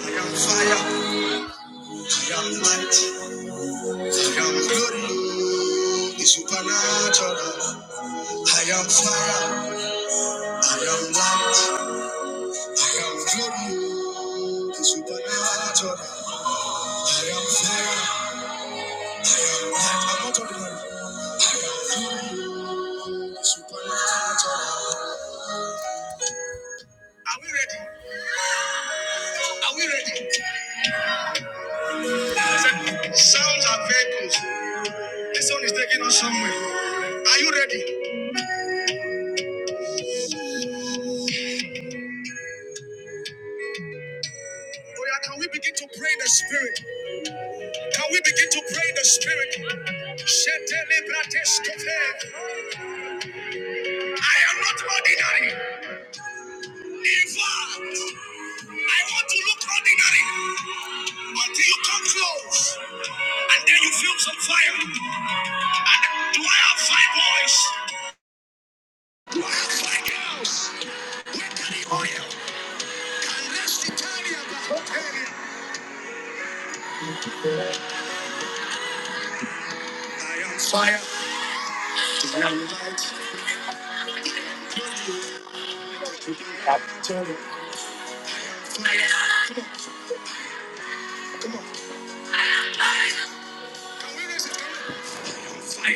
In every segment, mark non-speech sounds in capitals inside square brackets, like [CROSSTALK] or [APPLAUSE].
I am fire, I am mighty, I am glory, the supernatural. I am fire, I am light, I am glory, the supernatural. I am fire, I am not ordinary, glory, the supernatural. Are we ready? Are we ready? Sounds are vehicles. This one is taking us somewhere. Are you ready? Oh yeah, can we begin to pray in the spirit? Can we begin to pray in the spirit? Shetelebrateskope. I am not ordinary. Never. I want to look ordinary until you come close. And then you feel some fire. And do I have five boys? Do I have five girls? Where can the oil? Can rest Italia, but Italia. I am fire. Can we raise it? Fire. I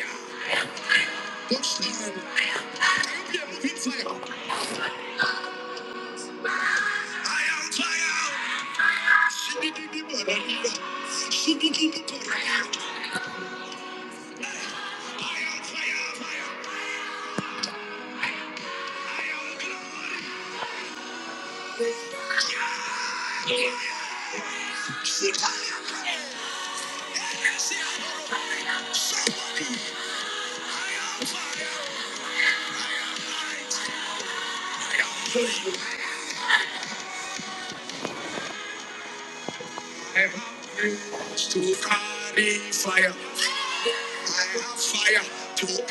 am fire. I am fire. I am, I am glory. I have fire to carry fire. I have fire to carry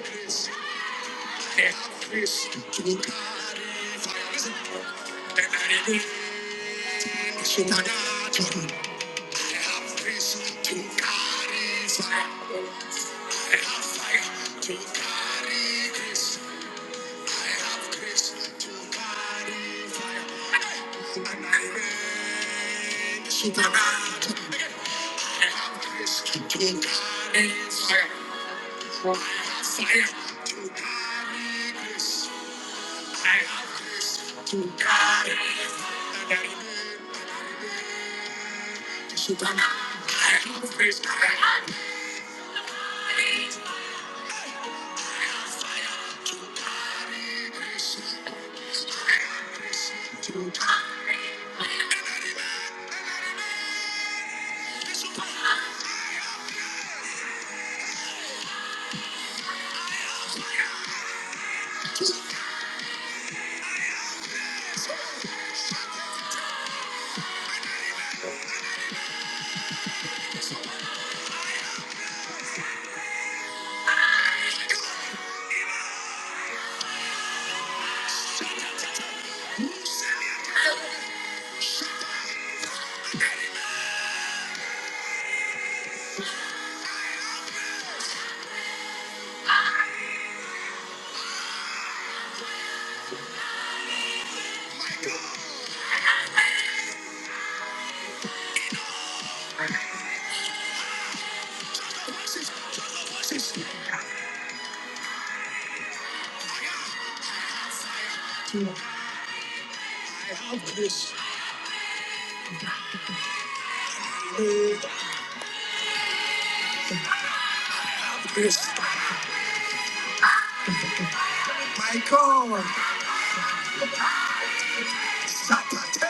grace. I have grace to carry fire. Listen. And I need supernatural. I have grace to carry fire. I have fire to carry grace. I have Chris to carry fire, and I make the supernat. I have Chris, carry fire, fire to carry Chris. I have Chris to carry, and I make. I have Chris, carry Chris. I have Chris, the bosses, all the bosses. I have Chris, I have Chris. Michael, Shatta.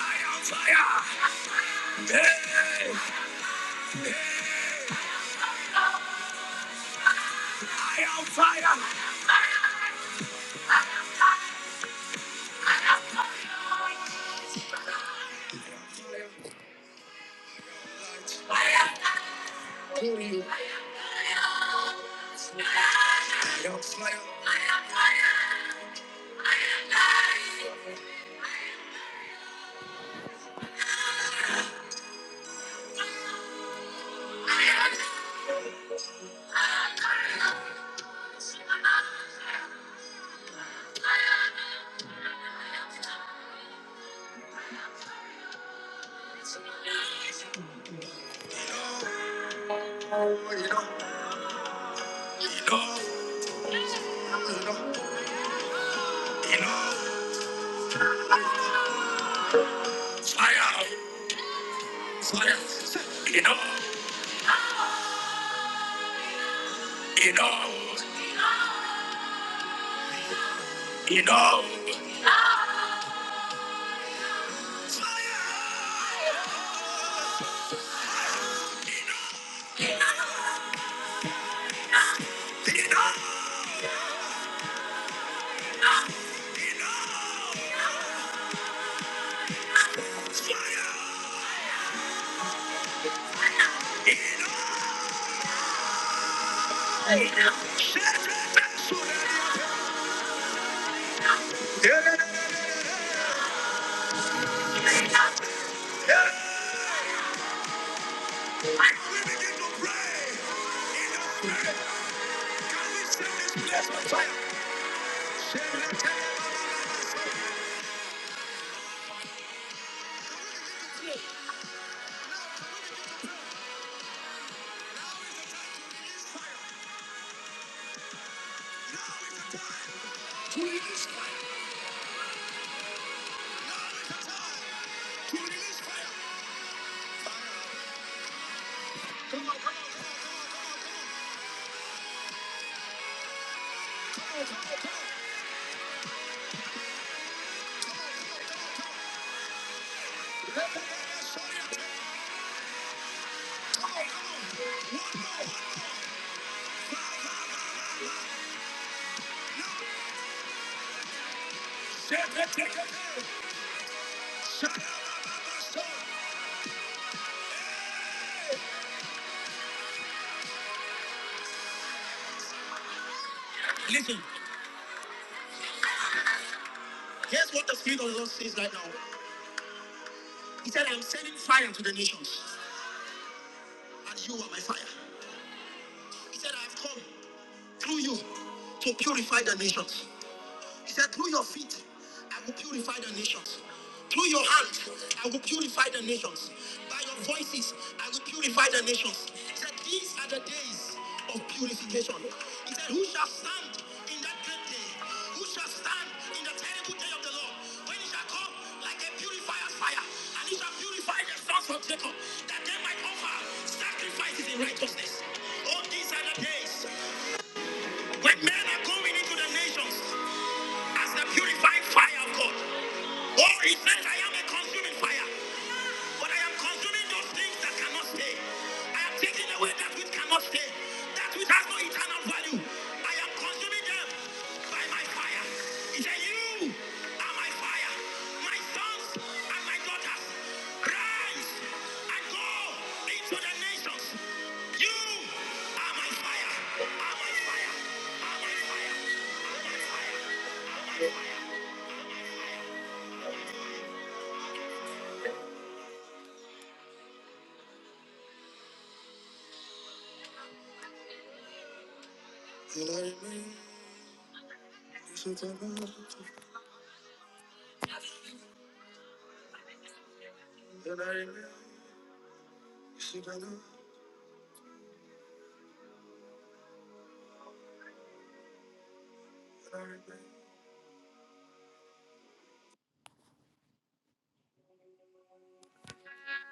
I am fire. Hey, I am fire. I am fire. You know, you know, you know, you know, fire, fire. You know, you know, you know, fire. You know. So let it- Yeah. I will begin to pray. You know, I will send this place of fire. Send it.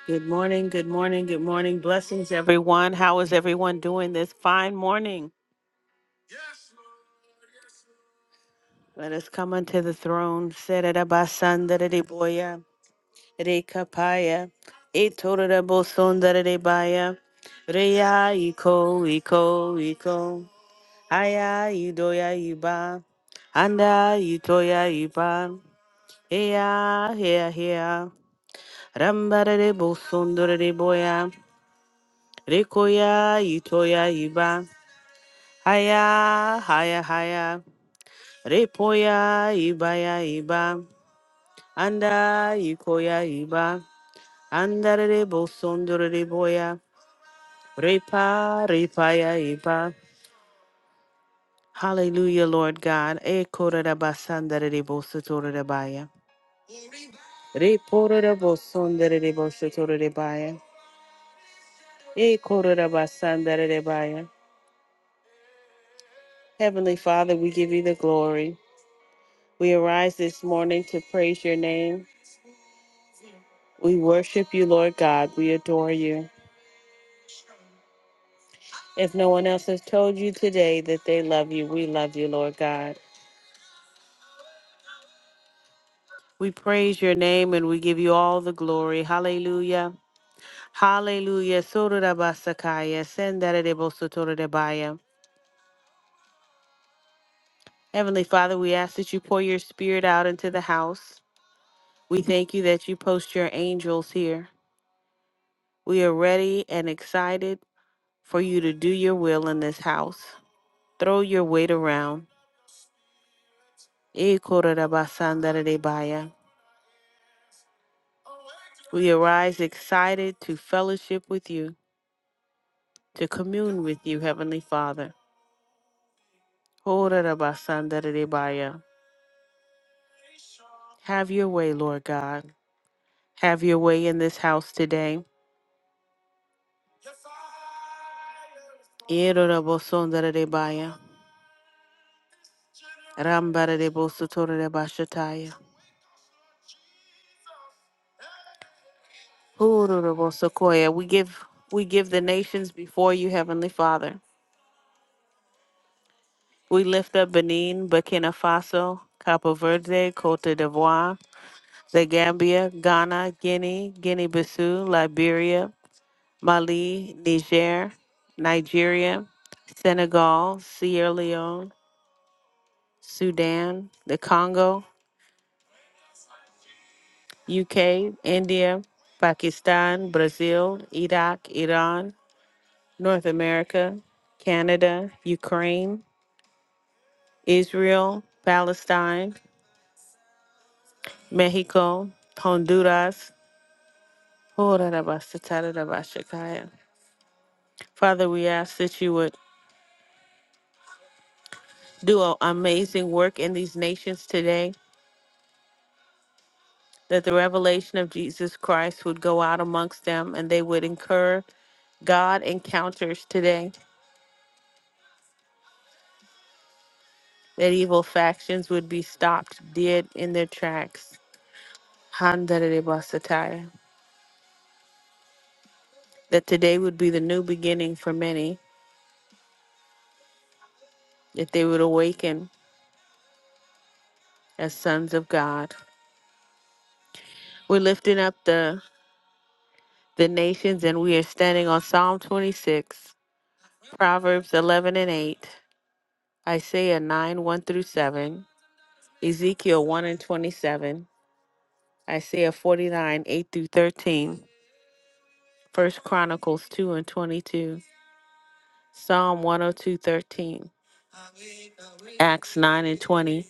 Good morning, good morning, good morning. Blessings, everyone. How is everyone doing this fine morning? Let us come unto the throne. Sererabasandariboya, Rekapaya, Etorabosondaribaya, Reya Iko, Iko, Iko, Aya Idoya Iba, Anda Itoya Iba, Eya, Hea, Hea, Rambarebosondariboya, Rekoya Itoya Iba, Haya, Haya, Haya, Repoya Ibaya Iba. Anda ikoya iba, andarere bosondorere boya, repa repaya iba. Hallelujah, Lord God. E korara basandarere bosotorere baya. Reporere bosonderere bosotorere baya. E korara basandarere baya. Heavenly Father, we give you the glory. We arise this morning to praise your name. We worship you, Lord God. We adore you. If no one else has told you today that they love you, we love you, Lord God. We praise your name and we give you all the glory. Hallelujah. Hallelujah. Sororabasakaya, sendaradebosotorodebaya. Heavenly Father, we ask that you pour your spirit out into the house. We thank you that you post your angels here. We are ready and excited for you to do your will in this house. Throw your weight around. Ekorabasandaradebaya. We arise excited to fellowship with you, to commune with you, Heavenly Father. Orarabasandaridibaya. Have your way, Lord God. Have your way in this house today. Ram Irorabosondaridibaya. Rambaradibosotoridibashataya. Ororobosokoya. We give we give the nations before you, Heavenly Father. We lift up Benin, Burkina Faso, Cabo Verde, Cote d'Ivoire, the Gambia, Ghana, Guinea, Guinea Bissau, Liberia, Mali, Niger, Nigeria, Senegal, Sierra Leone, Sudan, the Congo, UK, India, Pakistan, Brazil, Iraq, Iran, North America, Canada, Ukraine, Israel, Palestine, Mexico, Honduras. Father, we ask that you would do an amazing work in these nations today. that the revelation of Jesus Christ would go out amongst them and they would incur God encounters today, that evil factions would be stopped dead in their tracks. Handarebasataya. That today would be the new beginning for many, that they would awaken as sons of God. We're lifting up the, the nations and we are standing on Psalm 26, Proverbs 11 and 8, Isaiah 9 1 through 7, Ezekiel 1 and 27. Isaiah 49, 8 through 13, 1 Chronicles 2 and 22, Psalm 102:13, Acts 9 and 20,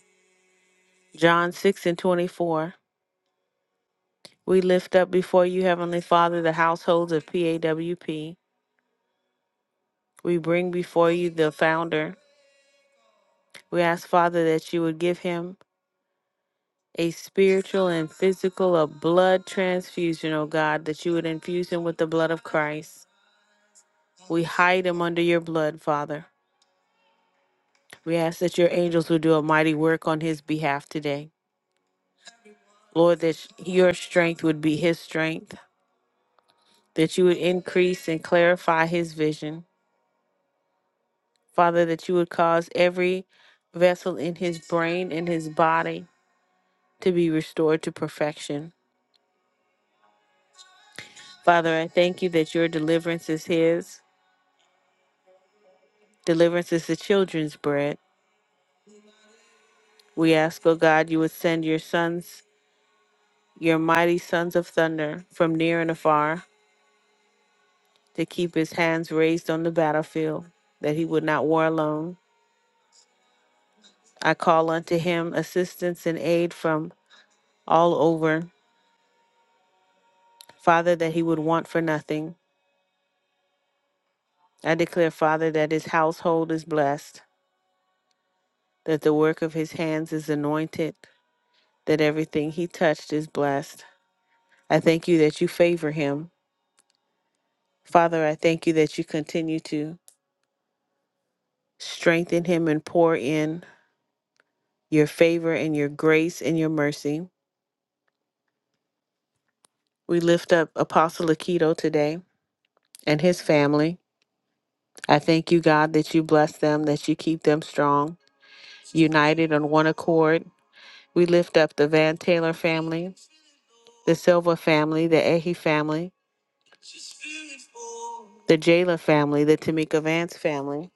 John 6 and 24. We lift up before you, Heavenly Father, the households of PAWP. We bring before you the founder. We ask, Father, that you would give him a spiritual and physical, a blood transfusion, O God, that you would infuse him with the blood of Christ. We hide him under your blood, Father. We ask that your angels would do a mighty work on his behalf today. Lord, that sh- your strength would be his strength, that you would increase and clarify his vision. Father, that you would cause every vessel in his brain and his body to be restored to perfection. Father, I thank you that your deliverance is his, deliverance is the children's bread. We ask, O God, you would send your sons, your mighty sons of thunder from near and afar to keep his hands raised on the battlefield, that he would not war alone. I call unto him assistance and aid from all over, Father, that he would want for nothing. I declare, Father, that his household is blessed, that the work of his hands is anointed, that everything he touched is blessed. I thank you that you favor him. Father, I thank you that you continue to strengthen him and pour in your favor and your grace and your mercy. We lift up Apostle Akito today. and his family. I thank you, God, that you bless them, that you keep them strong, united on one accord. We lift up the Van Taylor family, the Silva family, the Ehi family, the Jayla family, the Tamika Vance family,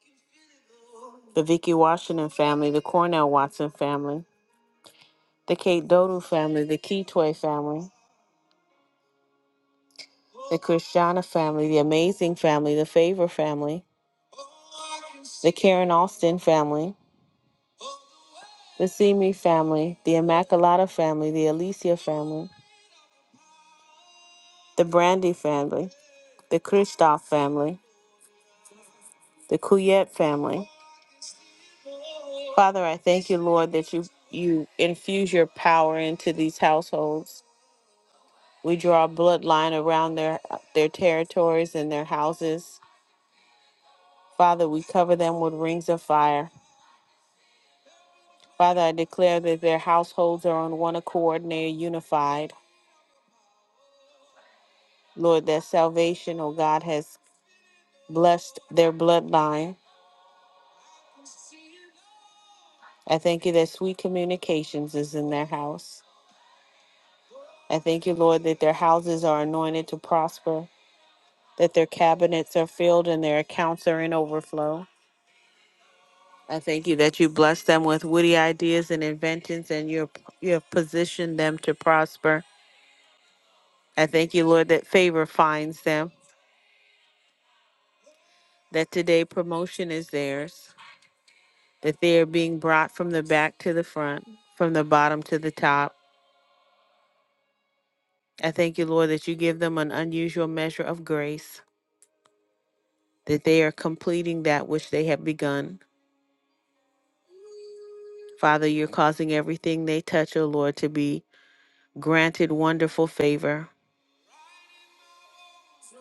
the Vicky Washington family, the Cornell Watson family, the Kate Dodu family, the Keytoy family, the Christiana family, the Amazing family, the Favor family, the Karen Austin family, the Simi family, the Immaculata family, the Alicia family, the Brandy family, the Kristoff family, the Kuyet family. Father, I thank you, Lord, that you you infuse your power into these households. We draw a bloodline around their their territories and their houses. Father, we cover them with rings of fire. Father, I declare that their households are on one accord and they are unified. Lord, that salvation, oh God, has blessed their bloodline. I thank you that sweet communications is in their house. I thank you, Lord, that their houses are anointed to prosper, that their cabinets are filled and their accounts are in overflow. I thank you that you bless them with witty ideas and inventions and you you have positioned them to prosper. I thank you, Lord, that favor finds them, that today promotion is theirs, that they are being brought from the back to the front, from the bottom to the top. I thank you, Lord, that you give them an unusual measure of grace, that they are completing that which they have begun. Father, you're causing everything they touch, O Lord, to be granted wonderful favor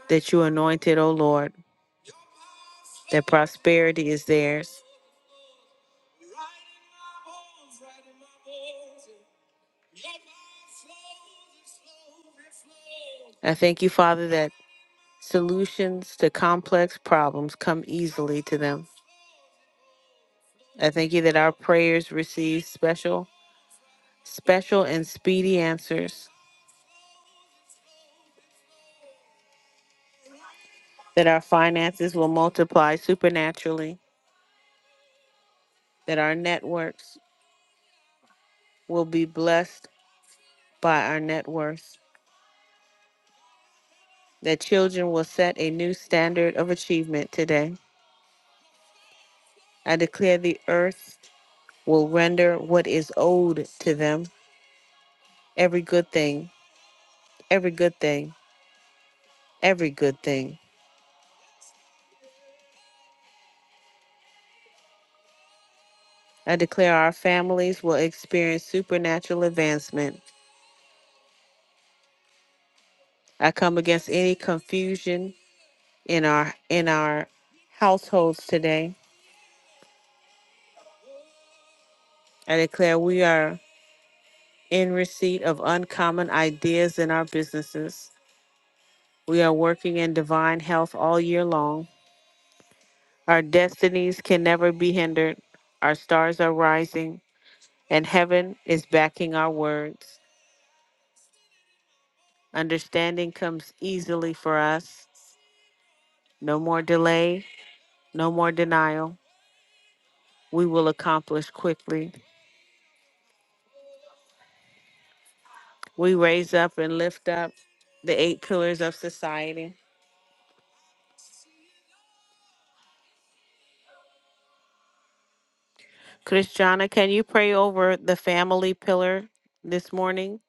that you anointed, O Lord, that prosperity is theirs. I thank you, Father, that solutions to complex problems come easily to them. I thank you that our prayers receive special, special and speedy answers, that our finances will multiply supernaturally, that our networks will be blessed by our net worth. that children will set a new standard of achievement today. I declare the earth will render what is owed to them every good thing, every good thing, every good thing. I declare our families will experience supernatural advancement. I come against any confusion in our in our households today. I declare we are in receipt of uncommon ideas in our businesses. We are working in divine health all year long. Our destinies can never be hindered. Our stars are rising, and heaven is backing our words. Understanding comes easily for us. No more delay, no more denial. We will accomplish quickly. We raise up and lift up the eight pillars of society. Christiana, can you pray over the family pillar this morning?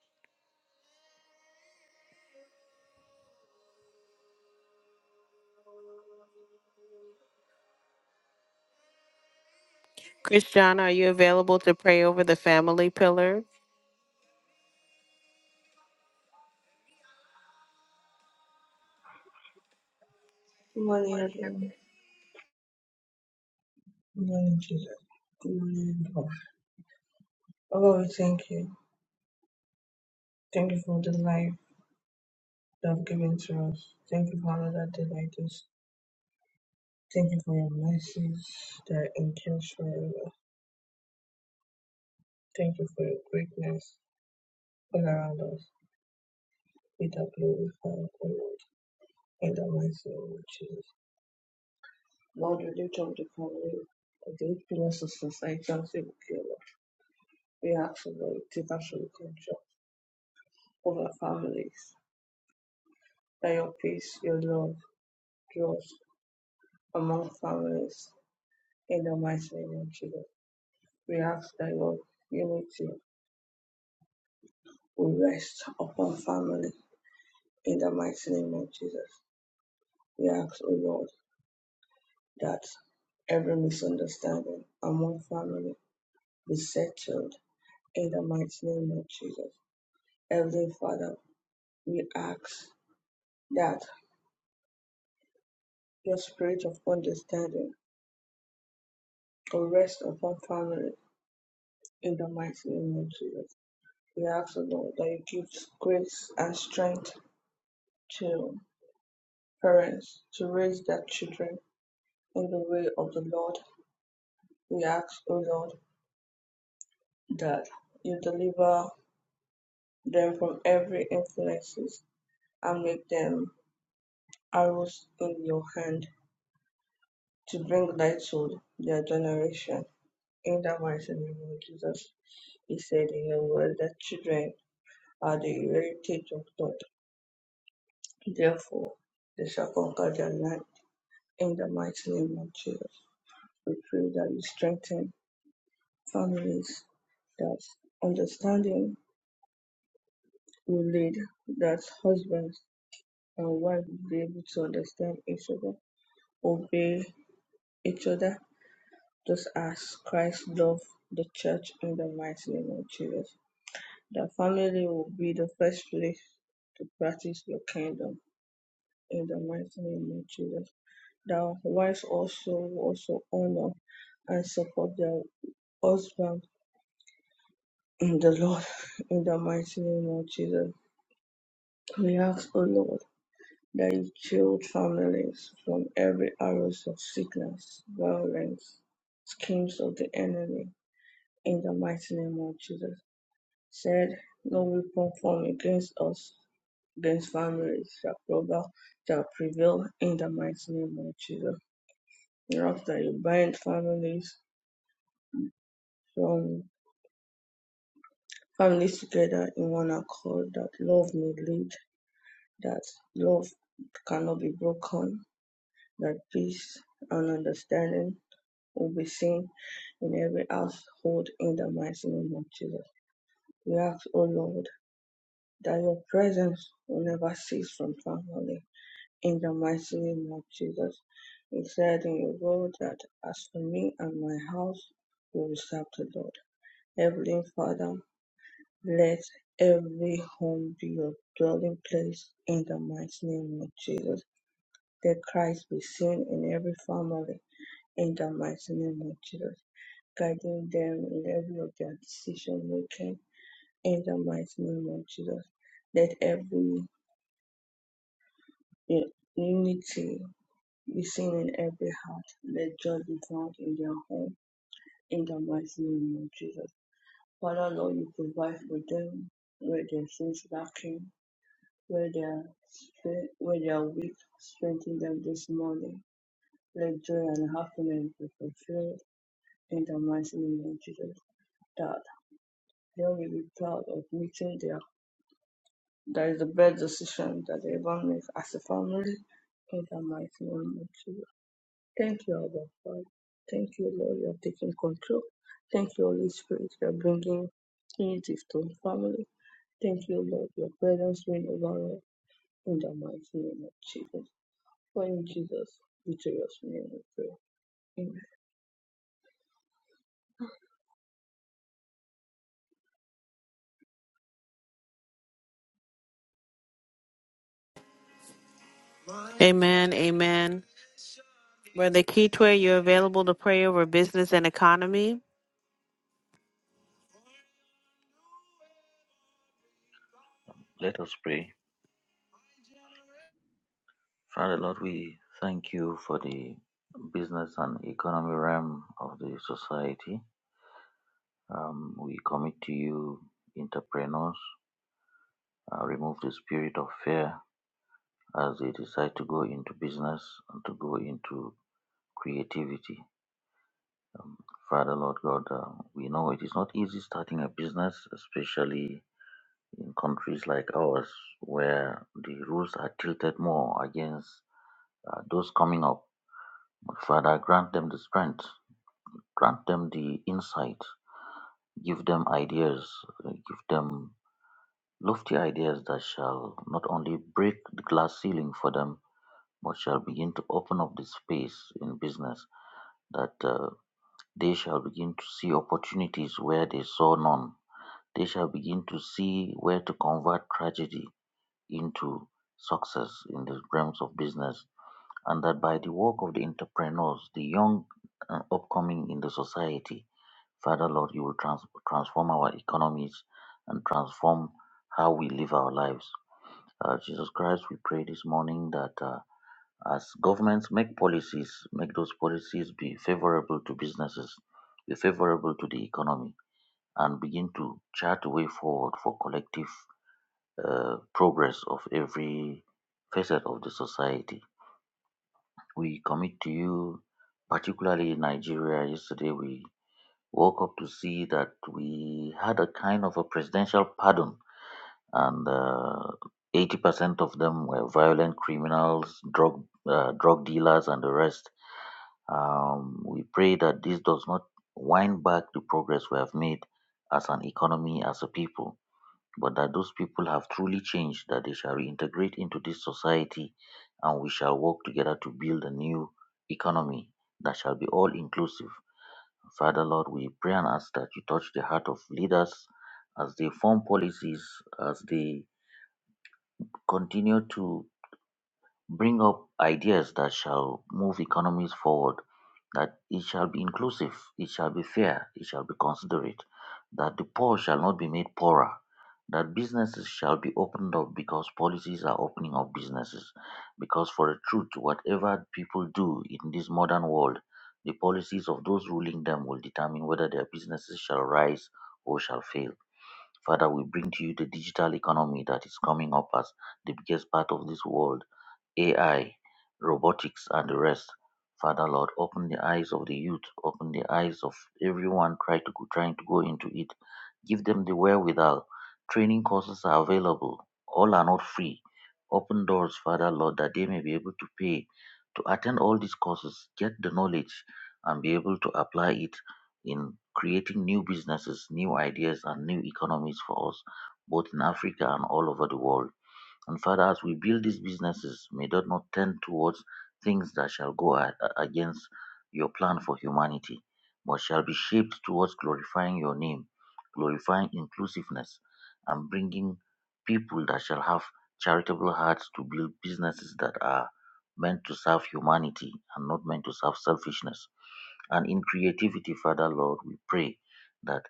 Christiana, are you available to pray over the family pillar? Good morning, everyone. Good morning, Jesus. Good morning, everyone. Oh, Lord, we thank you. Thank you for the life you have given to us. Thank you for another day like this. Thank you for your mercies that endures forever. Thank you for your greatness all around us. Be that glorified, O Lord, in the mighty name of Jesus. Lord, we lift up the family of the eight pillars of society and say, okay, Lord, we ask for Lord, take absolute control of our families, that your peace, your love, draws among families. In the mighty name of Jesus, we ask that your unity will rest upon family. In the mighty name of Jesus, we ask, O Lord, that every misunderstanding among family be settled. In the mighty name of Jesus, Heavenly Father, we ask that your spirit of understanding will rest upon family. In the mighty name of Jesus, we ask, O Lord, that you give grace and strength to Parents to raise their children in the way of the Lord, we ask, O Lord, that you deliver them from every influences and make them arrows in your hand to bring light to their generation. In the mighty name of Jesus, he said in your word that children are the heritage of God. Therefore, they shall conquer their land. In the mighty name of Jesus, we pray that you strengthen families that understanding will lead that husbands and wives will be able to understand each other, obey each other, just as Christ loved the church in the mighty name of Jesus. The family will be the first place to practice your kingdom in the mighty name of Jesus. The wives also also honor and support their husband in the Lord [LAUGHS] in the mighty name of Jesus We ask, O Lord, that you shield families from every arrows of sickness, violence, schemes of the enemy, in the mighty name of Jesus. Said, no weapon formed against us, against families shall prevail, shall prevail in the mighty name of Jesus. We ask that you bind families from families together in one accord, that love may lead, that love cannot be broken, that peace and understanding will be seen in every household in the mighty name of Jesus. We ask, O Lord, that your presence will never cease from family in the mighty name of Jesus. He said in your word that as for me and my house, we will serve the Lord. Heavenly Father, let every home be your dwelling place in the mighty name of Jesus. Let Christ be seen in every family in the mighty name of Jesus, guiding them in every of their decision making in the mighty name of Jesus. Let every u- unity be seen in every heart. Let joy be found in their home in the mighty name of Jesus. Father Lord, you provide for them where their sins lacking, where they are stre- where they are weak, strengthen them this morning. Let joy and happiness be fulfilled in the mighty name of Jesus That They are really proud of meeting their that is the best decision that they ever make as a family in the mighty name of Jesus. Thank you, Abba Father. Thank you, Lord, you are taking control. Thank you, Holy Spirit, you are bringing unity to the family. Thank you, Lord, your presence reign over us in the mighty name of Jesus. For in Jesus' victorious name we pray. Amen. Amen. Amen. Brother Kitwe, you're available to pray over business and economy. Let us pray. Father Lord, we thank you for the business and economy realm of the society. Um, we commit to you, entrepreneurs, uh, remove the spirit of fear as they decide to go into business and to go into creativity. Um, Father Lord God, uh, we know it is not easy starting a business, especially in countries like ours where the rules are tilted more against uh, those coming up Father, grant them the strength, grant them the insight, give them ideas, give them lofty ideas that shall not only break the glass ceiling for them, but shall begin to open up the space in business that uh, they shall begin to see opportunities where they saw none. They shall begin to see where to convert tragedy into success in the realms of business, and that by the work of the entrepreneurs, the young and upcoming in the society, Father, Lord, you will trans- transform our economies and transform how we live our lives. Uh, Jesus Christ, we pray this morning that uh, as governments make policies, make those policies be favorable to businesses, be favorable to the economy, and begin to chart a way forward for collective uh, progress of every facet of the society. We commit to you, particularly in Nigeria. Yesterday, we woke up to see that we had a kind of a presidential pardon, and uh, 80% of them were violent criminals, drug uh, drug dealers, and the rest. Um, we pray that this does not wind back the progress we have made as an economy, as a people, but that those people have truly changed, that they shall reintegrate into this society, and we shall work together to build a new economy that shall be all inclusive Father, Lord, we pray and ask that you touch the heart of leaders as they form policies, as they continue to bring up ideas that shall move economies forward, that it shall be inclusive, it shall be fair, it shall be considerate, that the poor shall not be made poorer, that businesses shall be opened up because policies are opening up businesses. Because for a truth, whatever people do in this modern world, the policies of those ruling them will determine whether their businesses shall rise or shall fail. Father, we bring to you the digital economy that is coming up as the biggest part of this world AI, robotics, and the rest. Father Lord, open the eyes of the youth, open the eyes of everyone trying to go, trying to go into it. Give them the wherewithal. Training courses are available. All are not free. Open doors, Father Lord, that they may be able to pay to attend all these courses, get the knowledge, and be able to apply it in creating new businesses, new ideas, and new economies for us, both in Africa and all over the world. And Father, as we build these businesses, may that not tend towards things that shall go a- a- against your plan for humanity, but shall be shaped towards glorifying your name, glorifying inclusiveness, and bringing people that shall have charitable hearts to build businesses that are meant to serve humanity and not meant to serve selfishness. And in creativity, Father Lord, we pray that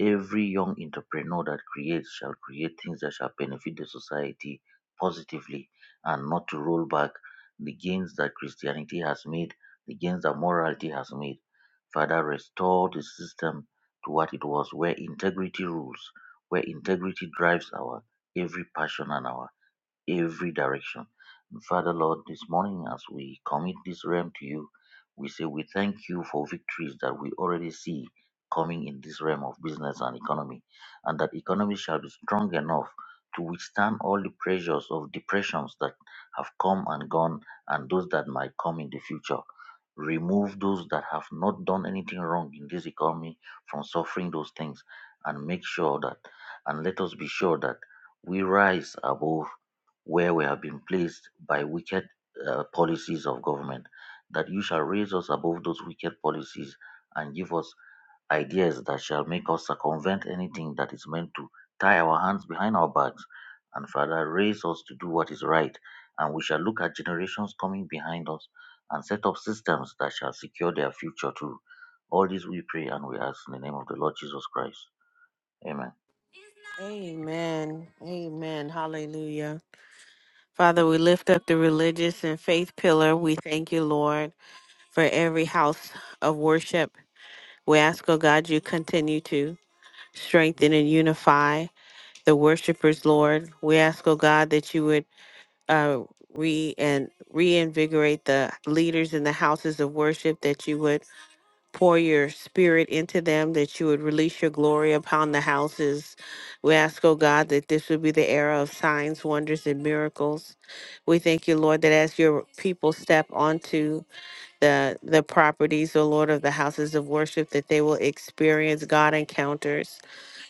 every young entrepreneur that creates shall create things that shall benefit the society positively and not to roll back the gains that Christianity has made, the gains that morality has made. Father, restore the system to what it was, where integrity rules, where integrity drives our every passion and our every direction. And Father, Lord, this morning as we commit this realm to you, we say we thank you for victories that we already see coming in this realm of business and economy, and that economy shall be strong enough to withstand all the pressures of depressions that have come and gone and those that might come in the future. Remove those that have not done anything wrong in this economy from suffering those things and make sure that, and let us be sure that we rise above where we have been placed by wicked uh, policies of government, that you shall raise us above those wicked policies and give us ideas that shall make us circumvent anything that is meant to tie our hands behind our backs. And Father, raise us to do what is right. And we shall look at generations coming behind us and set up systems that shall secure their future too. All this we pray and we ask in the name of the Lord Jesus Christ. Amen. Amen. Amen. Hallelujah. Father, we lift up the religious and faith pillar. We thank you, Lord, for every house of worship. We ask, oh God, you continue to strengthen and unify the worshipers, Lord. We ask, oh God, that you would uh, re and reinvigorate the leaders in the houses of worship, that you would pour your spirit into them, that you would release your glory upon the houses. We ask, oh God, that this would be the era of signs, wonders, and miracles. We thank you, Lord, that as your people step onto the the properties, O Lord, of the houses of worship, that they will experience God encounters.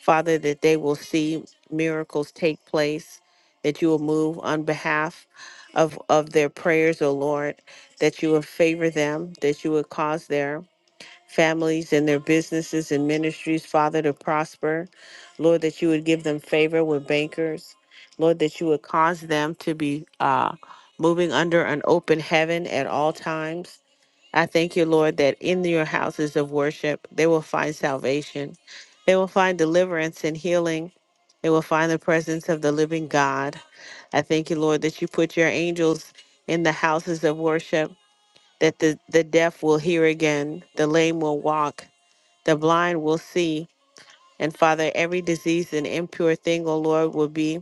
Father, that they will see miracles take place, that you will move on behalf of, of their prayers, O Lord, that you will favor them, that you would cause their families and their businesses and ministries, Father, to prosper. Lord, that you would give them favor with bankers. Lord, that you would cause them to be uh, moving under an open heaven at all times. I thank you, Lord, that in your houses of worship, they will find salvation. They will find deliverance and healing. They will find the presence of the living God. I thank you, Lord, that you put your angels in the houses of worship that the, the deaf will hear again, the lame will walk, the blind will see. And Father, every disease and impure thing, O Lord, will be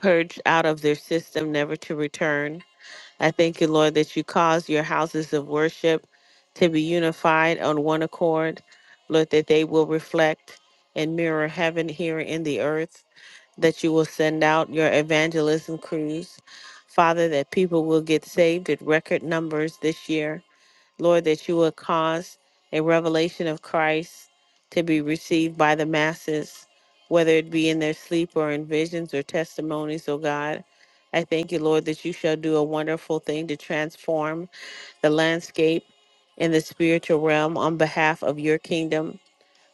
purged out of their system, never to return. I thank you, Lord, that you cause your houses of worship to be unified on one accord. Lord, that they will reflect and mirror heaven here in the earth, that you will send out your evangelism crews. Father, that people will get saved at record numbers this year Lord, that you would cause a revelation of Christ to be received by the masses, whether it be in their sleep or in visions or testimonies, oh God. I thank you, Lord, that you shall do a wonderful thing to transform the landscape in the spiritual realm on behalf of your kingdom.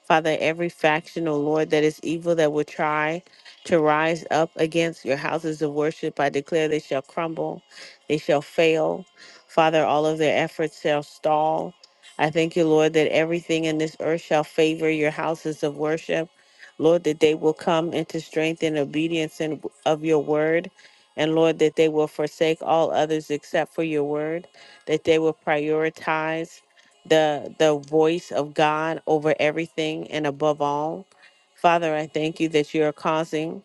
Father, every faction, O Lord, that is evil that will try to rise up against your houses of worship, I declare they shall crumble, they shall fail. Father, all of their efforts shall stall. I thank you, Lord, that everything in this earth shall favor your houses of worship. Lord, that they will come into strength and obedience and of your word. And Lord, that they will forsake all others except for your word, that they will prioritize the the voice of God over everything and above all. Father, I thank you that you are causing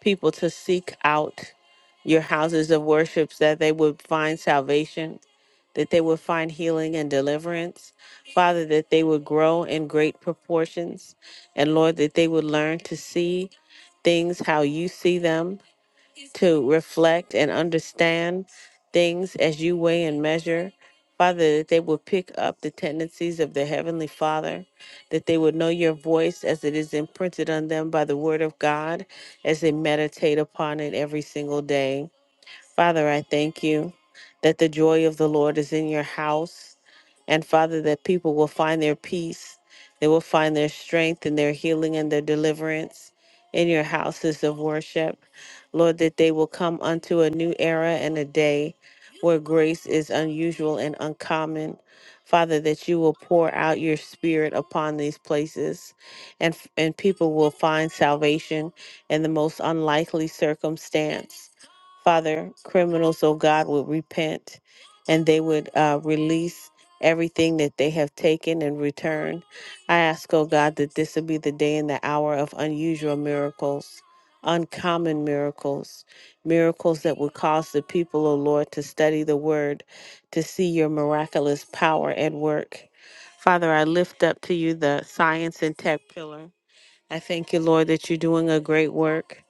people to seek out your houses of worship that they would find salvation, that they would find healing and deliverance. Father, that they would grow in great proportions. And Lord, that they would learn to see things how you see them to reflect and understand things as you weigh and measure. Father, that they will pick up the tendencies of their Heavenly Father, that they would know your voice as it is imprinted on them by the Word of God, as they meditate upon it every single day. Father, I thank you that the joy of the Lord is in your house and Father, that people will find their peace, they will find their strength and their healing and their deliverance in your houses of worship. Lord, that they will come unto a new era and a day where grace is unusual and uncommon. Father, that you will pour out your spirit upon these places and, and people will find salvation in the most unlikely circumstance. Father, criminals, oh God, will repent and they would uh, release everything that they have taken and return. I ask, oh God, that this would be the day and the hour of unusual miracles, uncommon miracles, miracles that would cause the people, oh Lord, to study the word, to see your miraculous power at work. Father, I lift up to you the science and tech pillar. I thank you, Lord, that you're doing a great work,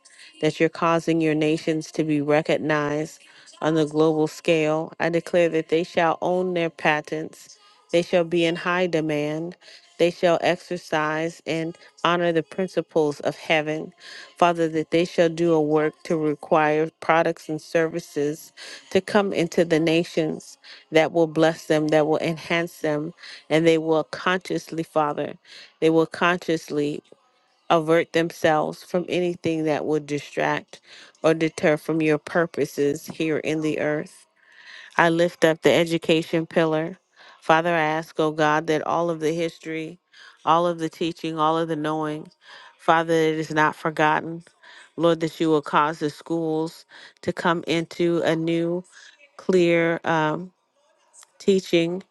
that you're causing your nations to be recognized on the global scale. I declare that they shall own their patents, they shall be in high demand, they shall exercise and honor the principles of heaven. Father, that they shall do a work to require products and services to come into the nations that will bless them, that will enhance them, and they will consciously, Father, they will consciously avert themselves from anything that would distract or deter from your purposes here in the earth. I lift up the education pillar. Father, I ask, oh God, that all of the history, all of the teaching, all of the knowing, Father, it is not forgotten. Lord, that you will cause the schools to come into a new, clear, um, teaching,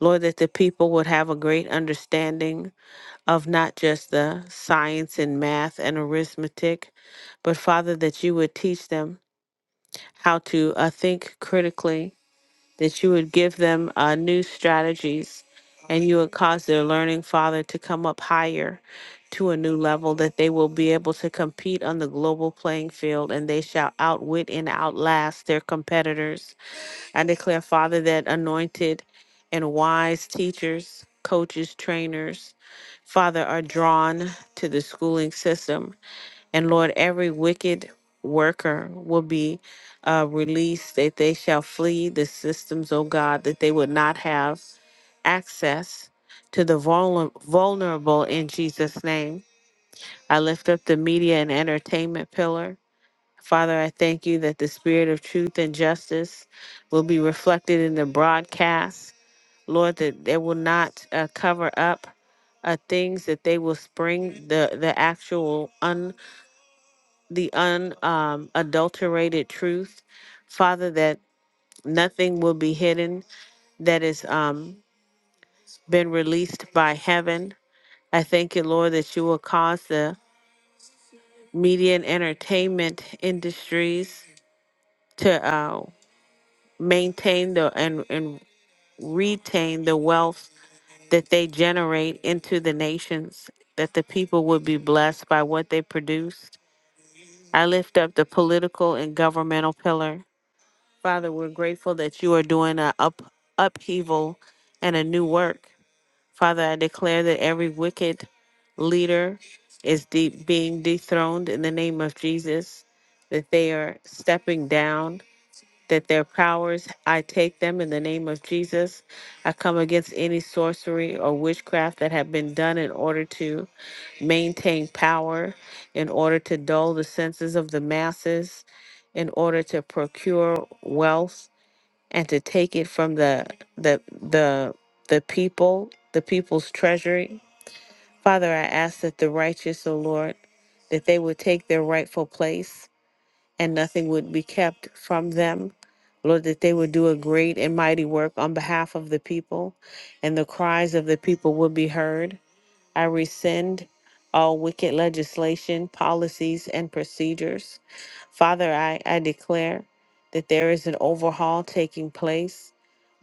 Lord, that the people would have a great understanding of not just the science and math and arithmetic, but Father, that you would teach them how to uh, think critically, that you would give them uh, new strategies, and you would cause their learning, Father, to come up higher to a new level, that they will be able to compete on the global playing field and they shall outwit and outlast their competitors. I declare, Father, that anointed and wise teachers, coaches, trainers, Father, are drawn to the schooling system. And Lord, every wicked worker will be uh, released, that they shall flee the systems, oh God, that they would not have access to the vulner- vulnerable in Jesus' name. I lift up the media and entertainment pillar. Father, I thank you that the spirit of truth and justice will be reflected in the broadcast. Lord, that they will not uh, cover up uh, things that they will spring the the actual un the un um, adulterated truth, Father. That nothing will be hidden that is um, been released by heaven. I thank you, Lord, that you will cause the media and entertainment industries to uh, maintain the and and retain the wealth that they generate into the nations, that the people would be blessed by what they produced. I lift up the political and governmental pillar. Father, we're grateful that you are doing an up, upheaval and a new work. Father, I declare that every wicked leader is de- being dethroned in the name of Jesus, that they are stepping down that their powers, I take them in the name of Jesus. I come against any sorcery or witchcraft that have been done in order to maintain power, in order to dull the senses of the masses, in order to procure wealth and to take it from the the the the people, the people's treasury. Father, I ask that the righteous, O Lord, that they would take their rightful place and nothing would be kept from them. Lord, that they would do a great and mighty work on behalf of the people, and the cries of the people would be heard. I rescind all wicked legislation, policies, and procedures. Father, I, I declare that there is an overhaul taking place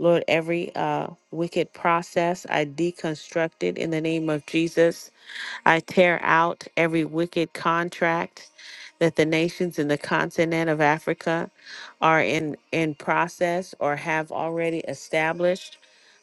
Lord, every uh, wicked process I deconstruct it in the name of Jesus. I tear out every wicked contract that the nations in the continent of Africa are in, in process or have already established.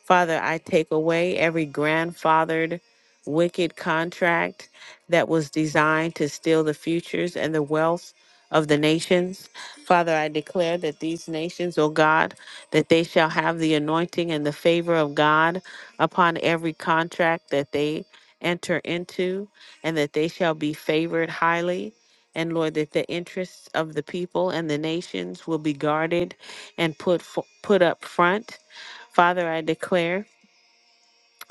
Father, I take away every grandfathered wicked contract that was designed to steal the futures and the wealth of the nations. Father, I declare that these nations, O God, that they shall have the anointing and the favor of God upon every contract that they enter into, and that they shall be favored highly. And Lord, that the interests of the people and the nations will be guarded and put fo- put up front. Father, I declare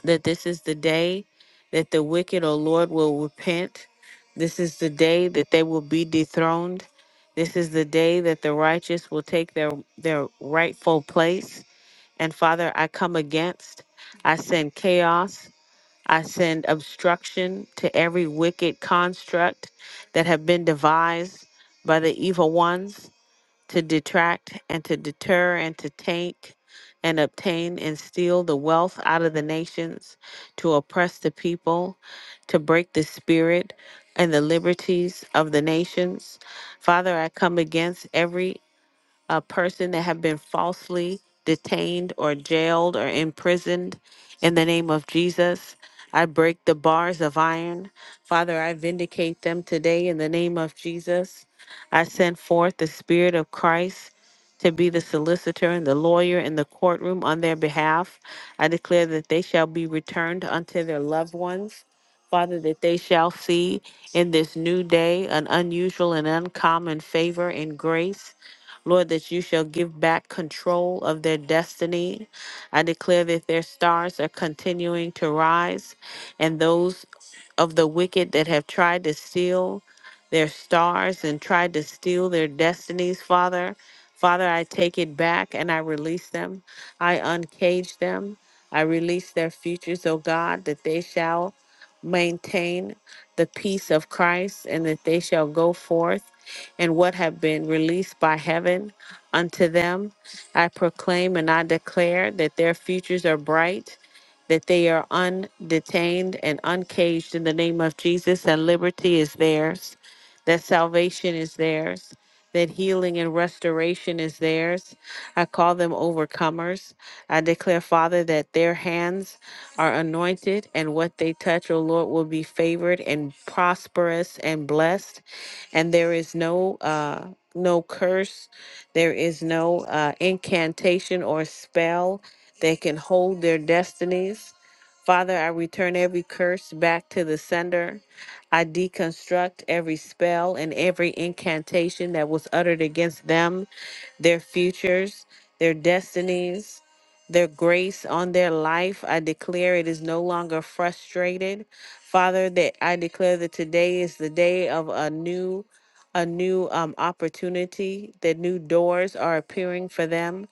that this is the day that the wicked, O Lord, will repent. This is the day that they will be dethroned. This is the day that the righteous will take their, their rightful place. And Father, I come against, I send chaos, I send obstruction to every wicked construct that have been devised by the evil ones to detract and to deter and to take and obtain and steal the wealth out of the nations, to oppress the people, to break the spirit and the liberties of the nations. Father, I come against every a person that have been falsely detained or jailed or imprisoned in the name of Jesus. I break the bars of iron. Father, I vindicate them today in the name of Jesus. I send forth the Spirit of Christ to be the solicitor and the lawyer in the courtroom on their behalf. I declare that they shall be returned unto their loved ones. Father, that they shall see in this new day an unusual and uncommon favor and grace Lord, that you shall give back control of their destiny. I declare that their stars are continuing to rise, and those of the wicked that have tried to steal their stars and tried to steal their destinies, Father. Father, I take it back and I release them. I uncage them. I release their futures, O God, that they shall maintain the peace of Christ, and that they shall go forth in what have been released by heaven unto them. I proclaim and I declare that their futures are bright, that they are undetained and uncaged in the name of Jesus, and liberty is theirs, that salvation is theirs that healing and restoration is theirs. I call them overcomers. I declare, Father, that their hands are anointed and what they touch, O Lord, will be favored and prosperous and blessed. And there is no uh no curse, there is no uh, incantation or spell that can hold their destinies. Father, I return every curse back to the sender. I deconstruct every spell and every incantation that was uttered against them, their futures, their destinies, their grace on their life. I declare it is no longer frustrated. Father, that I declare that today is the day of a new a new um, opportunity, that new doors are appearing for them.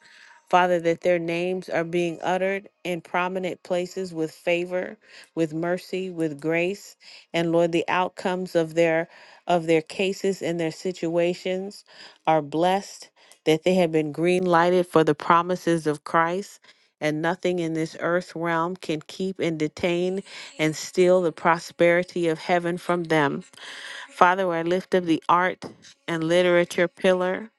Father, that their names are being uttered in prominent places with favor, with mercy, with grace, and Lord, the outcomes of their of their cases and their situations are blessed, that they have been green lighted for the promises of Christ, and nothing in this earth realm can keep and detain and steal the prosperity of heaven from them. Father, I lift up the art and literature pillar.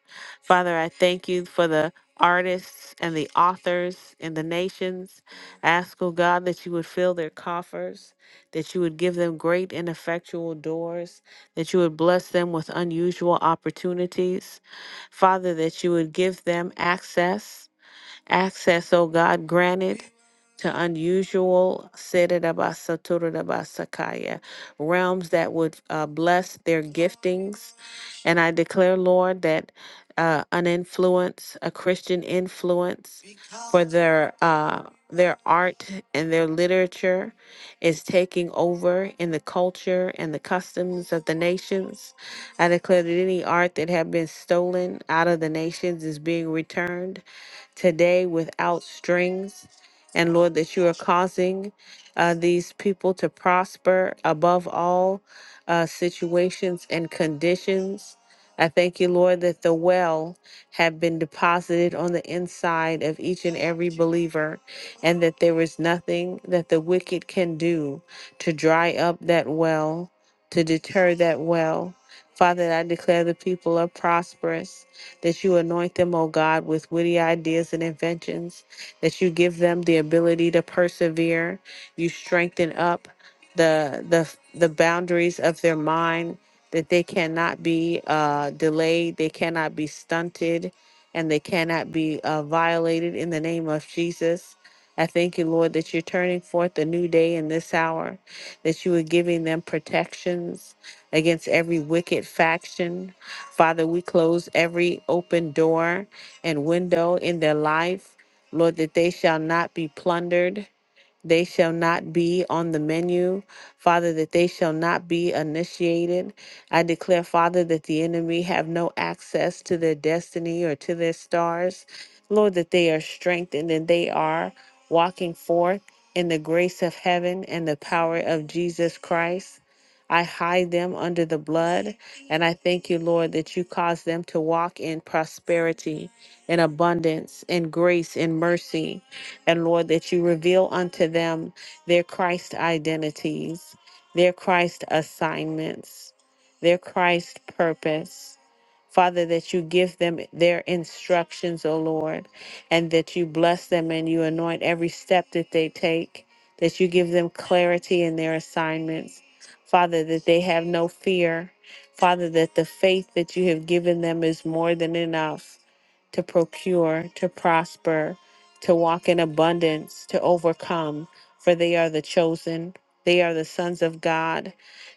Father, I thank you for the artists and the authors in the nations. Ask, O God, that you would fill their coffers, that you would give them great and effectual doors, that you would bless them with unusual opportunities. Father, that you would give them access. Access, O God, granted to unusual Siddharabhasa Turabhasakaya, realms that would uh, bless their giftings. And I declare, Lord, that uh, an influence, a Christian influence for their uh, their art and their literature is taking over in the culture and the customs of the nations. I declare that any art that had been stolen out of the nations is being returned today without strings. And Lord, that you are causing uh, these people to prosper above all uh, situations and conditions. I thank you, Lord, that the well have been deposited on the inside of each and every believer, and that there is nothing that the wicked can do to dry up that well to deter that well. Father, I declare the people are prosperous, that you anoint them, O God, with witty ideas and inventions, that you give them the ability to persevere, you strengthen up the the the boundaries of their mind, that they cannot be uh, delayed, they cannot be stunted, and they cannot be uh, violated in the name of Jesus. I thank you, Lord, that you're turning forth a new day in this hour, that you are giving them protections against every wicked faction. Father, we close every open door and window in their life. Lord, that they shall not be plundered, they shall not be on the menu, Father, that they shall not be initiated. I declare, Father, that the enemy have no access to their destiny or to their stars. Lord, that they are strengthened and they are walking forth in the grace of heaven and the power of Jesus Christ. I hide them under the blood. And I thank you, Lord, that you cause them to walk in prosperity, in abundance, in grace, in mercy. And Lord, that you reveal unto them their Christ identities, their Christ assignments, their Christ purpose. Father, that you give them their instructions, O Lord, and that you bless them and you anoint every step that they take, that you give them clarity in their assignments. Father, that they have no fear. Father, that the faith that you have given them is more than enough to procure, to prosper, to walk in abundance, to overcome, for they are the chosen. They are the sons of God.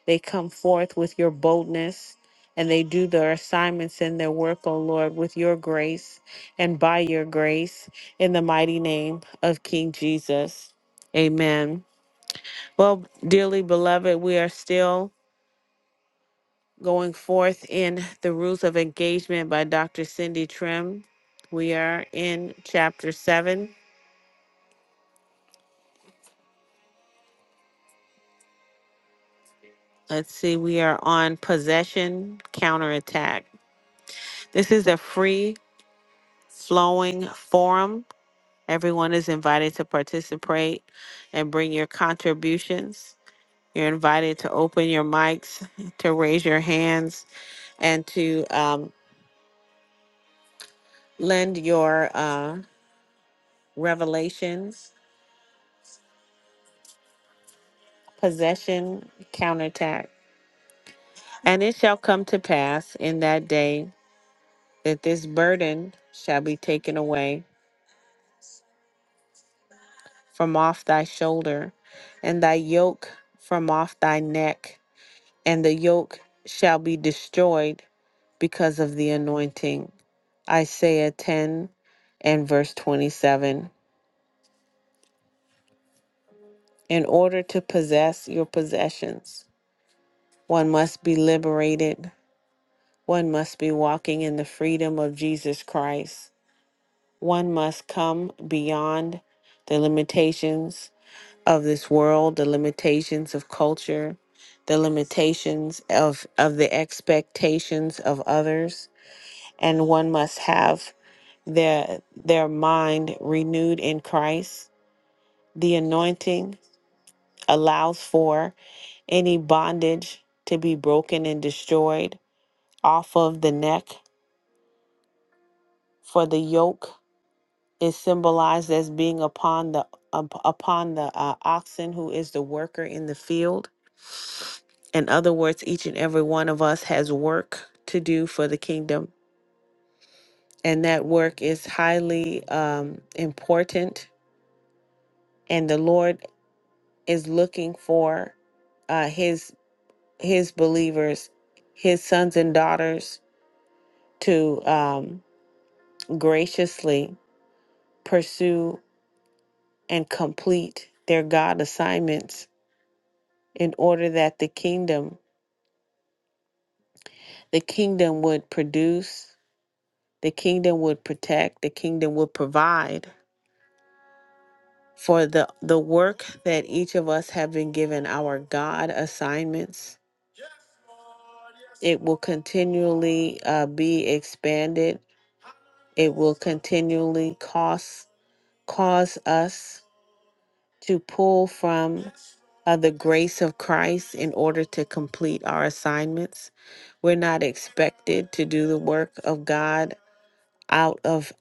They come forth with your boldness and they do their assignments and their work, O Lord, with your grace and by your grace in the mighty name of King Jesus. Amen. Well, dearly beloved, we are still going forth in The Rules of Engagement by Dr. Cindy Trim. We are in chapter seven. Let's see, we are on Possession Counterattack. This is a free flowing forum Everyone is invited to participate and bring your contributions. You're invited to open your mics, to raise your hands, and to um, lend your uh, revelations, possession, counterattack. And it shall come to pass in that day that this burden shall be taken away from off thy shoulder, and thy yoke from off thy neck and the yoke shall be destroyed because of the anointing. Isaiah 10 and verse 27. In order to possess your possessions, one must be liberated. One must be walking in the freedom of Jesus Christ. One must come beyond the limitations of this world, the limitations of culture, the limitations of, of the expectations of others. And one must have their their mind renewed in Christ. The anointing allows for any bondage to be broken and destroyed off of the neck for the yoke is symbolized as being upon the up- upon the uh, oxen who is the worker in the field in other words each and every one of us has work to do for the kingdom and that work is highly um, important and the lord is looking for uh, his his believers, his sons and daughters, to um, graciously pursue and complete their God assignments in order that the kingdom the kingdom would produce, the kingdom would protect, the kingdom would provide for the the work that each of us have been given our God assignments. It will continually uh, be expanded It will continually cause, cause us to pull from uh, the grace of Christ in order to complete our assignments. We're not expected to do the work of God out of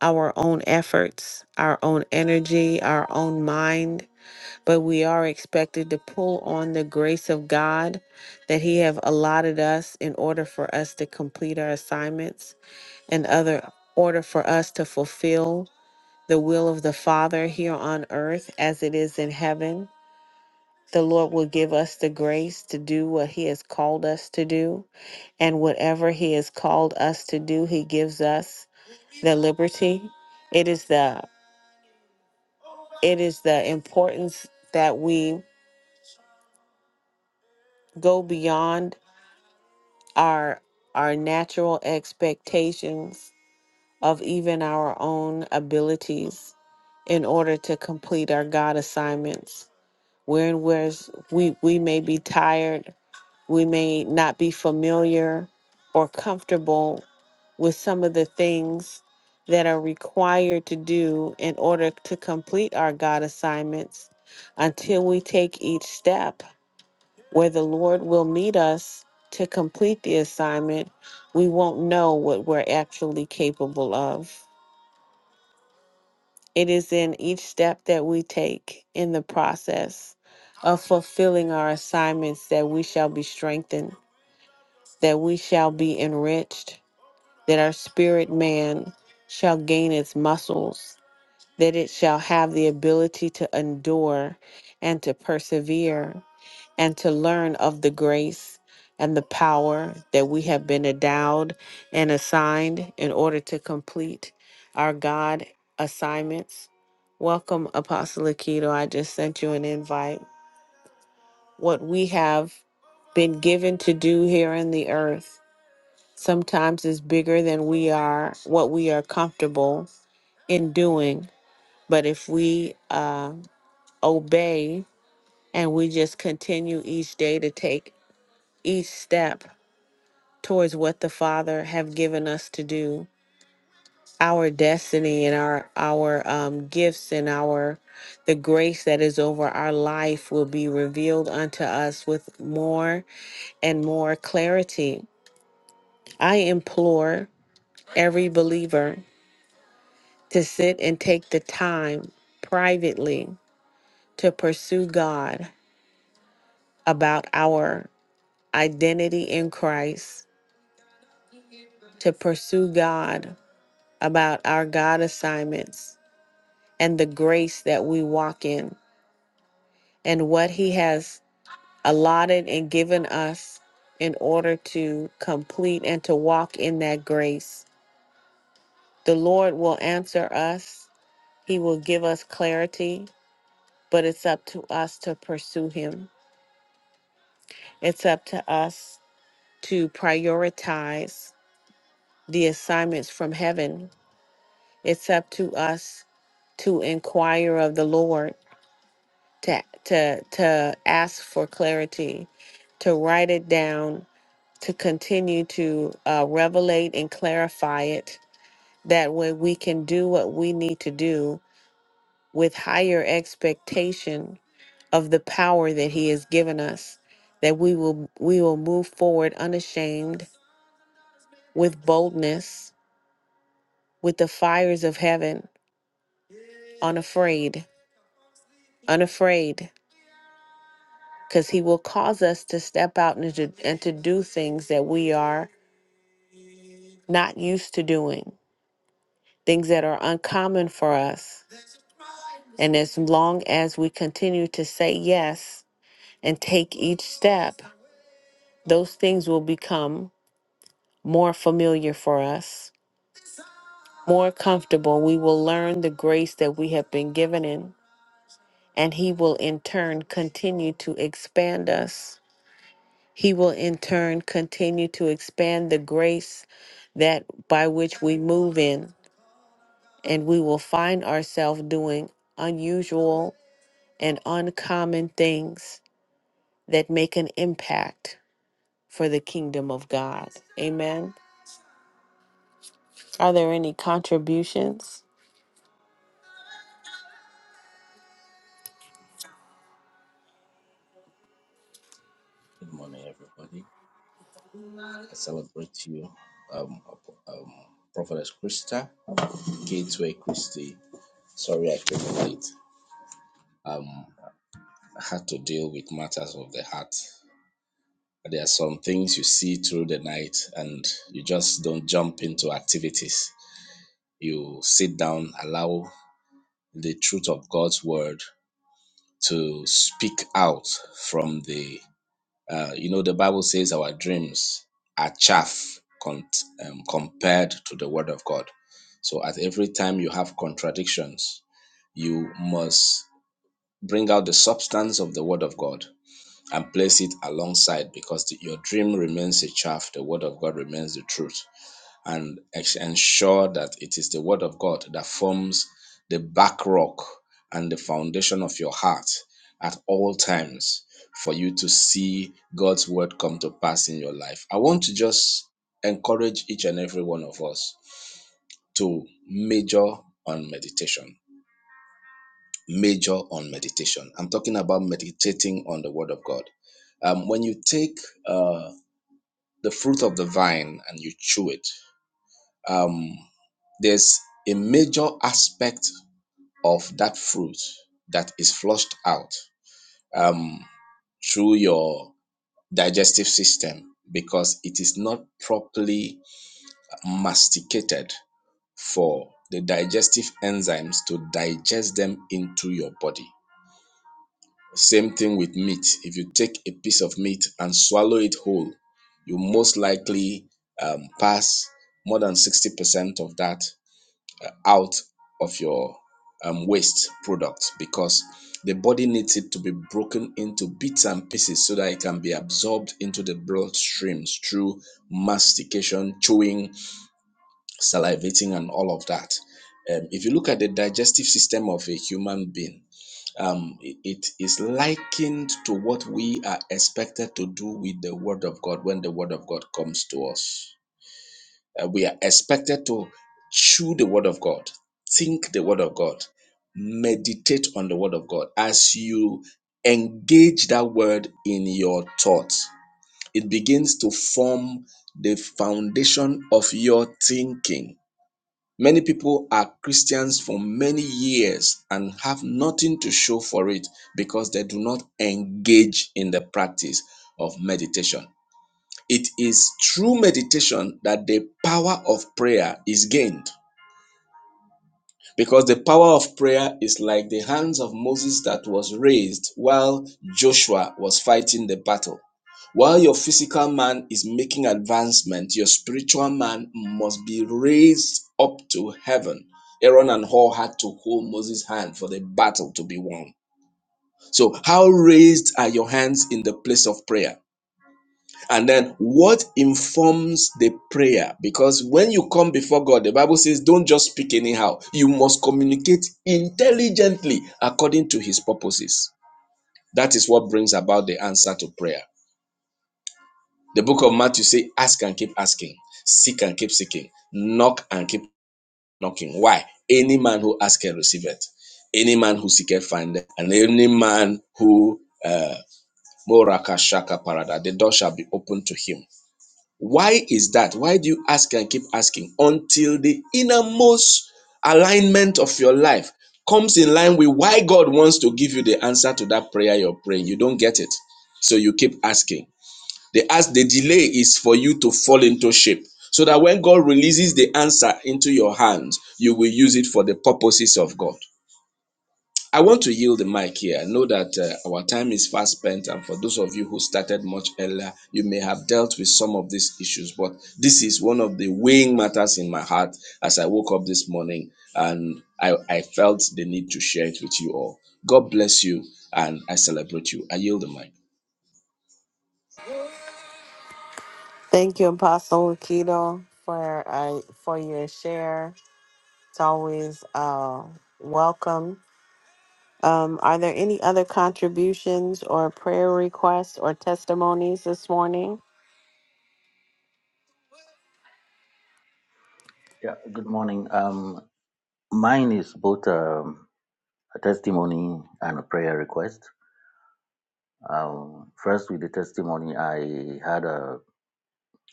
our own efforts, our own energy, our own mind, but we are expected to pull on the grace of God that he have allotted us in order for us to complete our assignments and other order for us to fulfill the will of the Father here on earth as it is in heaven. The Lord will give us the grace to do what He has called us to do. And whatever He has called us to do, He gives us the liberty. It is the it is the importance that we go beyond our our natural expectations of even our own abilities in order to complete our God assignments. We're in where we, we may be tired, we may not be familiar or comfortable with some of the things that are required to do in order to complete our God assignments until we take each step where the Lord will meet us to complete the assignment, we won't know what we're actually capable of. It is in each step that we take in the process of fulfilling our assignments that we shall be strengthened, that we shall be enriched, that our spirit man shall gain its muscles, that it shall have the ability to endure and to persevere and to learn of the grace and the power that we have been endowed and assigned in order to complete our God assignments. Welcome, Apostle Aikido. I just sent you an invite. What we have been given to do here in the earth sometimes is bigger than we are, what we are comfortable in doing. But if we uh, obey, and we just continue each day to take each step towards what the Father have given us to do. Our destiny and our our um, gifts and our the grace that is over our life will be revealed unto us with more and more clarity. I implore every believer to sit and take the time privately to pursue God about our identity in Christ, to pursue God about our God assignments and the grace that we walk in and what He has allotted and given us in order to complete and to walk in that grace. The Lord will answer us, He will give us clarity, but it's up to us to pursue Him. It's up to us to prioritize the assignments from heaven. It's up to us to inquire of the Lord, to to to ask for clarity, to write it down, to continue to uh, revelate and clarify it. That way, we can do what we need to do with higher expectation of the power that He has given us. That we will we will move forward unashamed, with boldness, with the fires of heaven, unafraid, unafraid because he will cause us to step out and to, and to do things that we are not used to doing, things that are uncommon for us. And as long as we continue to say yes and take each step, those things will become more familiar for us, more comfortable. We will learn the grace that we have been given in, and he will in turn continue to expand us He will in turn continue to expand the grace that by which we move in, and we will find ourselves doing unusual and uncommon things that make an impact for the kingdom of God. Amen. Are there any contributions? Good morning, everybody. I celebrate you, um, um, Prophetess Krista, Gateway Christie. Sorry I came late. Um, I had to deal with matters of the heart. There are some things you see through the night and you just don't jump into activities. You sit down, allow the truth of God's word to speak out from the Uh, you know, the Bible says our dreams are chaff con- um, compared to the Word of God. So at every time you have contradictions, you must bring out the substance of the Word of God and place it alongside because the- your dream remains a chaff, the Word of God remains the truth and ex- ensure that it is the word of God that forms the back rock and the foundation of your heart at all times for you to see God's word come to pass in your life. I want to just encourage each and every one of us to major on meditation. Major on meditation. I'm talking about meditating on the word of God. Um, when you take uh, the fruit of the vine and you chew it, um, there's a major aspect of that fruit that is flushed out um, through your digestive system because it is not properly masticated for the digestive enzymes to digest them into your body. Same thing with meat. If you take a piece of meat and swallow it whole, you most likely um, pass more than 60% of that out of your um, waste product because the body needs it to be broken into bits and pieces so that it can be absorbed into the bloodstreams through mastication, chewing, salivating, and all of that. Um, if you look at the digestive system of a human being, um, it it is likened to what we are expected to do with the Word of God when the Word of God comes to us. Uh, we are expected to chew the word of God, think the word of God, meditate on the word of God. As you engage that word in your thoughts, it begins to form the foundation of your thinking. Many people are Christians for many years and have nothing to show for it because they do not engage in the practice of meditation. It is through meditation that the power of prayer is gained. Because the power of prayer is like the hands of Moses that was raised while Joshua was fighting the battle. While your physical man is making advancement, your spiritual man must be raised up to heaven. Aaron and Hor had to hold Moses' hand for the battle to be won. So, how raised are your hands in the place of prayer? And then what informs the prayer? Because when you come before God, the Bible says, don't just speak anyhow. You must communicate intelligently according to his purposes. That is what brings about the answer to prayer. The book of Matthew says, ask and keep asking, seek and keep seeking, knock and keep knocking. Why? Any man who asketh receiveth. Any man who seeketh findeth, and any man who uh, Moraka Parada, the door shall be open to him. Why is that? Why do you ask and keep asking until the innermost alignment of your life comes in line with why God wants to give you the answer to that prayer you're praying? You don't get it. So you keep asking. The ask the delay is for you to fall into shape so that when God releases the answer into your hands, you will use it for the purposes of God. I want to yield the mic here. I know that uh, our time is fast spent, and for those of you who started much earlier, you may have dealt with some of these issues. But this is one of the weighing matters in my heart as I woke up this morning, and I, I felt the need to share it with you all. God bless you, and I celebrate you. I yield the mic. Thank you, Apostle Keto, for uh, for your share. It's always uh, welcome Um, are there any other contributions or prayer requests or testimonies this morning? Yeah, good morning. Um, mine is both. Um, a testimony and a prayer request. Um, first, with the testimony, I had a,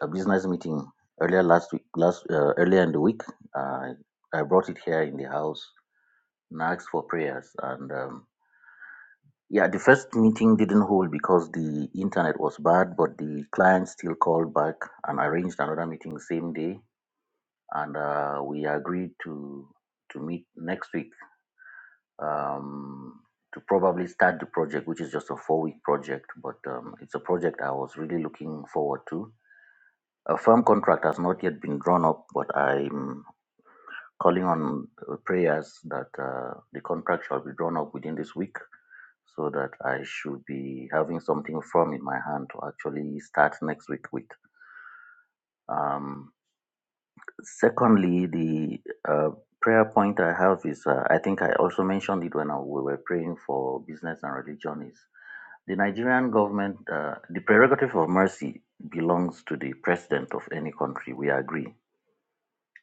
a business meeting earlier last week, last uh, earlier in the week. I I brought it here in the house and asked for prayers. And um, yeah, the first meeting didn't hold because the internet was bad, but the client still called back and arranged another meeting the same day. And uh, we agreed to to meet next week um, to probably start the project, which is just a four week project, but um, it's a project I was really looking forward to. A firm contract has not yet been drawn up, but I'm calling on uh, prayers that uh, the contract shall be drawn up within this week so that I should be having something firm in my hand to actually start next week with. Um, secondly, the uh, prayer point I have is uh, I think I also mentioned it when I, we were praying for business and religion is The Nigerian government, uh, the prerogative of mercy belongs to the president of any country, we agree.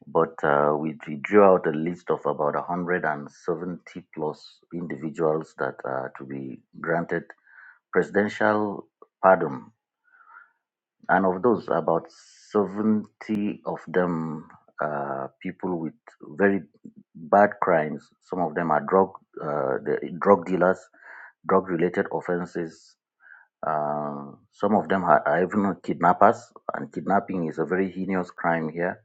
But uh, we, we drew out a list of about 170 plus individuals that are to be granted presidential pardon. And of those, about 70 of them are people with very bad crimes. Some of them are drug, uh, the, drug dealers, drug related offenses, Uh, some of them are, are even kidnappers, and kidnapping is a very heinous crime here.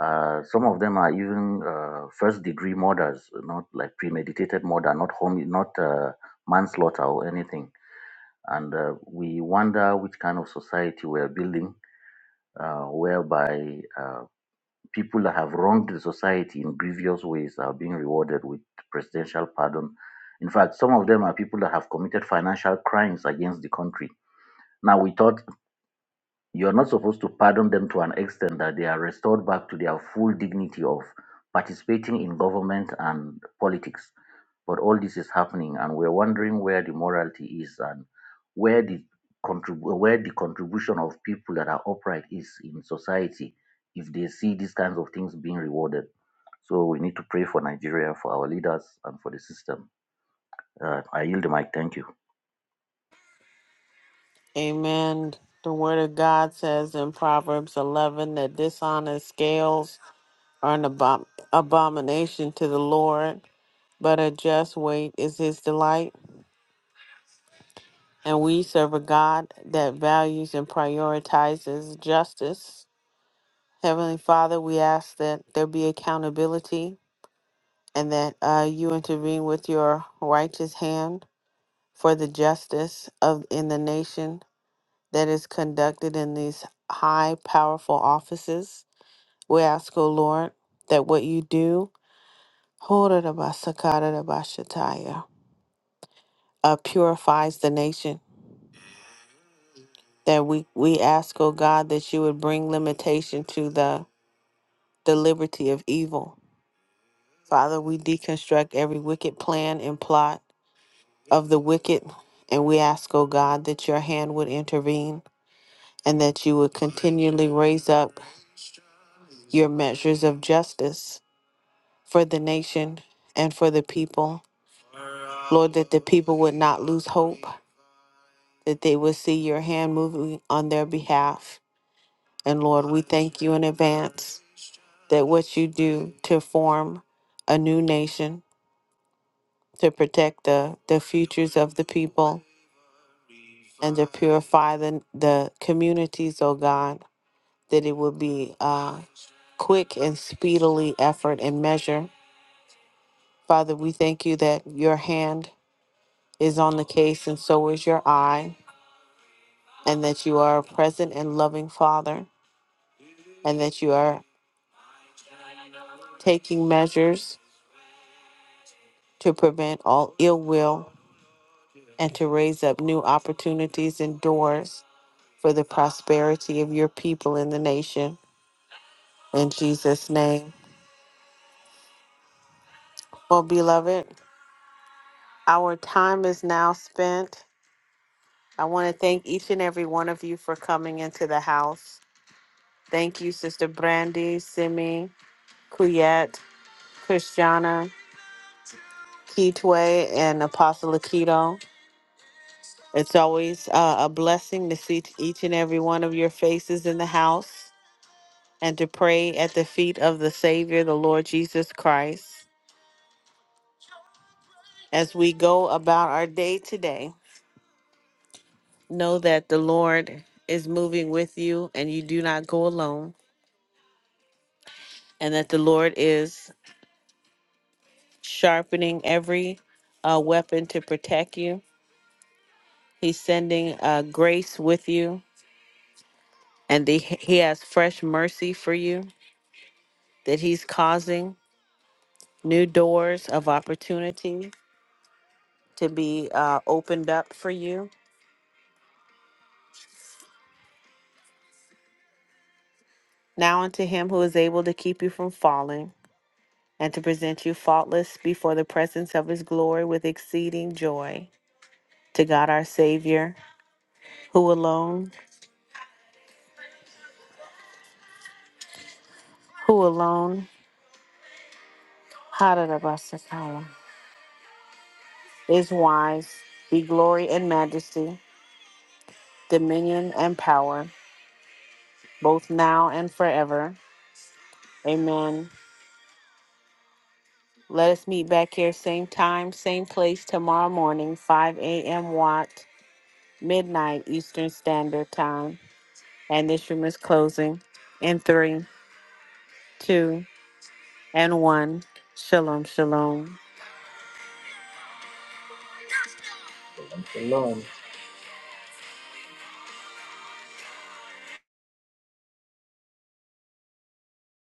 Uh, some of them are even uh, first-degree murders, not like premeditated murder, not home, not uh, manslaughter or anything. And uh, we wonder which kind of society we're building, uh, whereby uh, people that have wronged the society in grievous ways are being rewarded with presidential pardon. In fact, some of them are people that have committed financial crimes against the country. Now we thought You're not supposed to pardon them to an extent that they are restored back to their full dignity of participating in government and politics. But all this is happening, and we're wondering where the morality is and where the contrib- where the contribution of people that are upright is in society if they see these kinds of things being rewarded. So we need to pray for Nigeria, for our leaders, and for the system. Uh, I yield the mic. Thank you. Amen. The word of God says in Proverbs 11 that dishonest scales are an abom- abomination to the Lord, but a just weight is his delight. And we serve a God that values and prioritizes justice. Heavenly Father, we ask that there be accountability and that uh, you intervene with your righteous hand for the justice of in the nation that is conducted in these high powerful offices. We ask, O Lord, that what you do, [LAUGHS] Horabasakaradabashataya, uh, purifies the nation. That we, we ask, O God, that you would bring limitation to the, the liberty of evil. Father, we deconstruct every wicked plan and plot of the wicked, and we ask, O God, that your hand would intervene and that you would continually raise up your measures of justice for the nation and for the people. Lord, that the people would not lose hope, that they would see your hand moving on their behalf. And Lord, we thank you in advance that what you do to form a new nation, to protect the, the futures of the people, and to purify the, the communities, oh God, that it will be a quick and speedily effort and measure. Father, we thank you that your hand is on the case, and so is your eye, and that you are a present and loving Father, and that you are taking measures to prevent all ill will and to raise up new opportunities and doors for the prosperity of your people in the nation. In Jesus' name. Well, beloved, our time is now spent. I want to thank each and every one of you for coming into the house. Thank you, Sister Brandy, Simi, Kuyet, Christiana, Keetway and Apostle Akito. It's always uh, a blessing to see each and every one of your faces in the house and to pray at the feet of the Savior, the Lord Jesus Christ. As we go about our day today, know that the Lord is moving with you and you do not go alone, and that the Lord is sharpening every uh, weapon to protect you. He's sending uh, grace with you, and the, He has fresh mercy for you that he's causing new doors of opportunity to be uh, opened up for you. Now unto him who is able to keep you from falling and to present you faultless before the presence of his glory with exceeding joy. To God our Savior, who alone, who alone, Hararabasakala, is wise, be glory and majesty, dominion and power, both now and forever. Amen. Let us meet back here, same time, same place, tomorrow morning, 5 a.m. Watt, midnight Eastern Standard Time. And this room is closing in three, two, and one. Shalom, shalom. Shalom.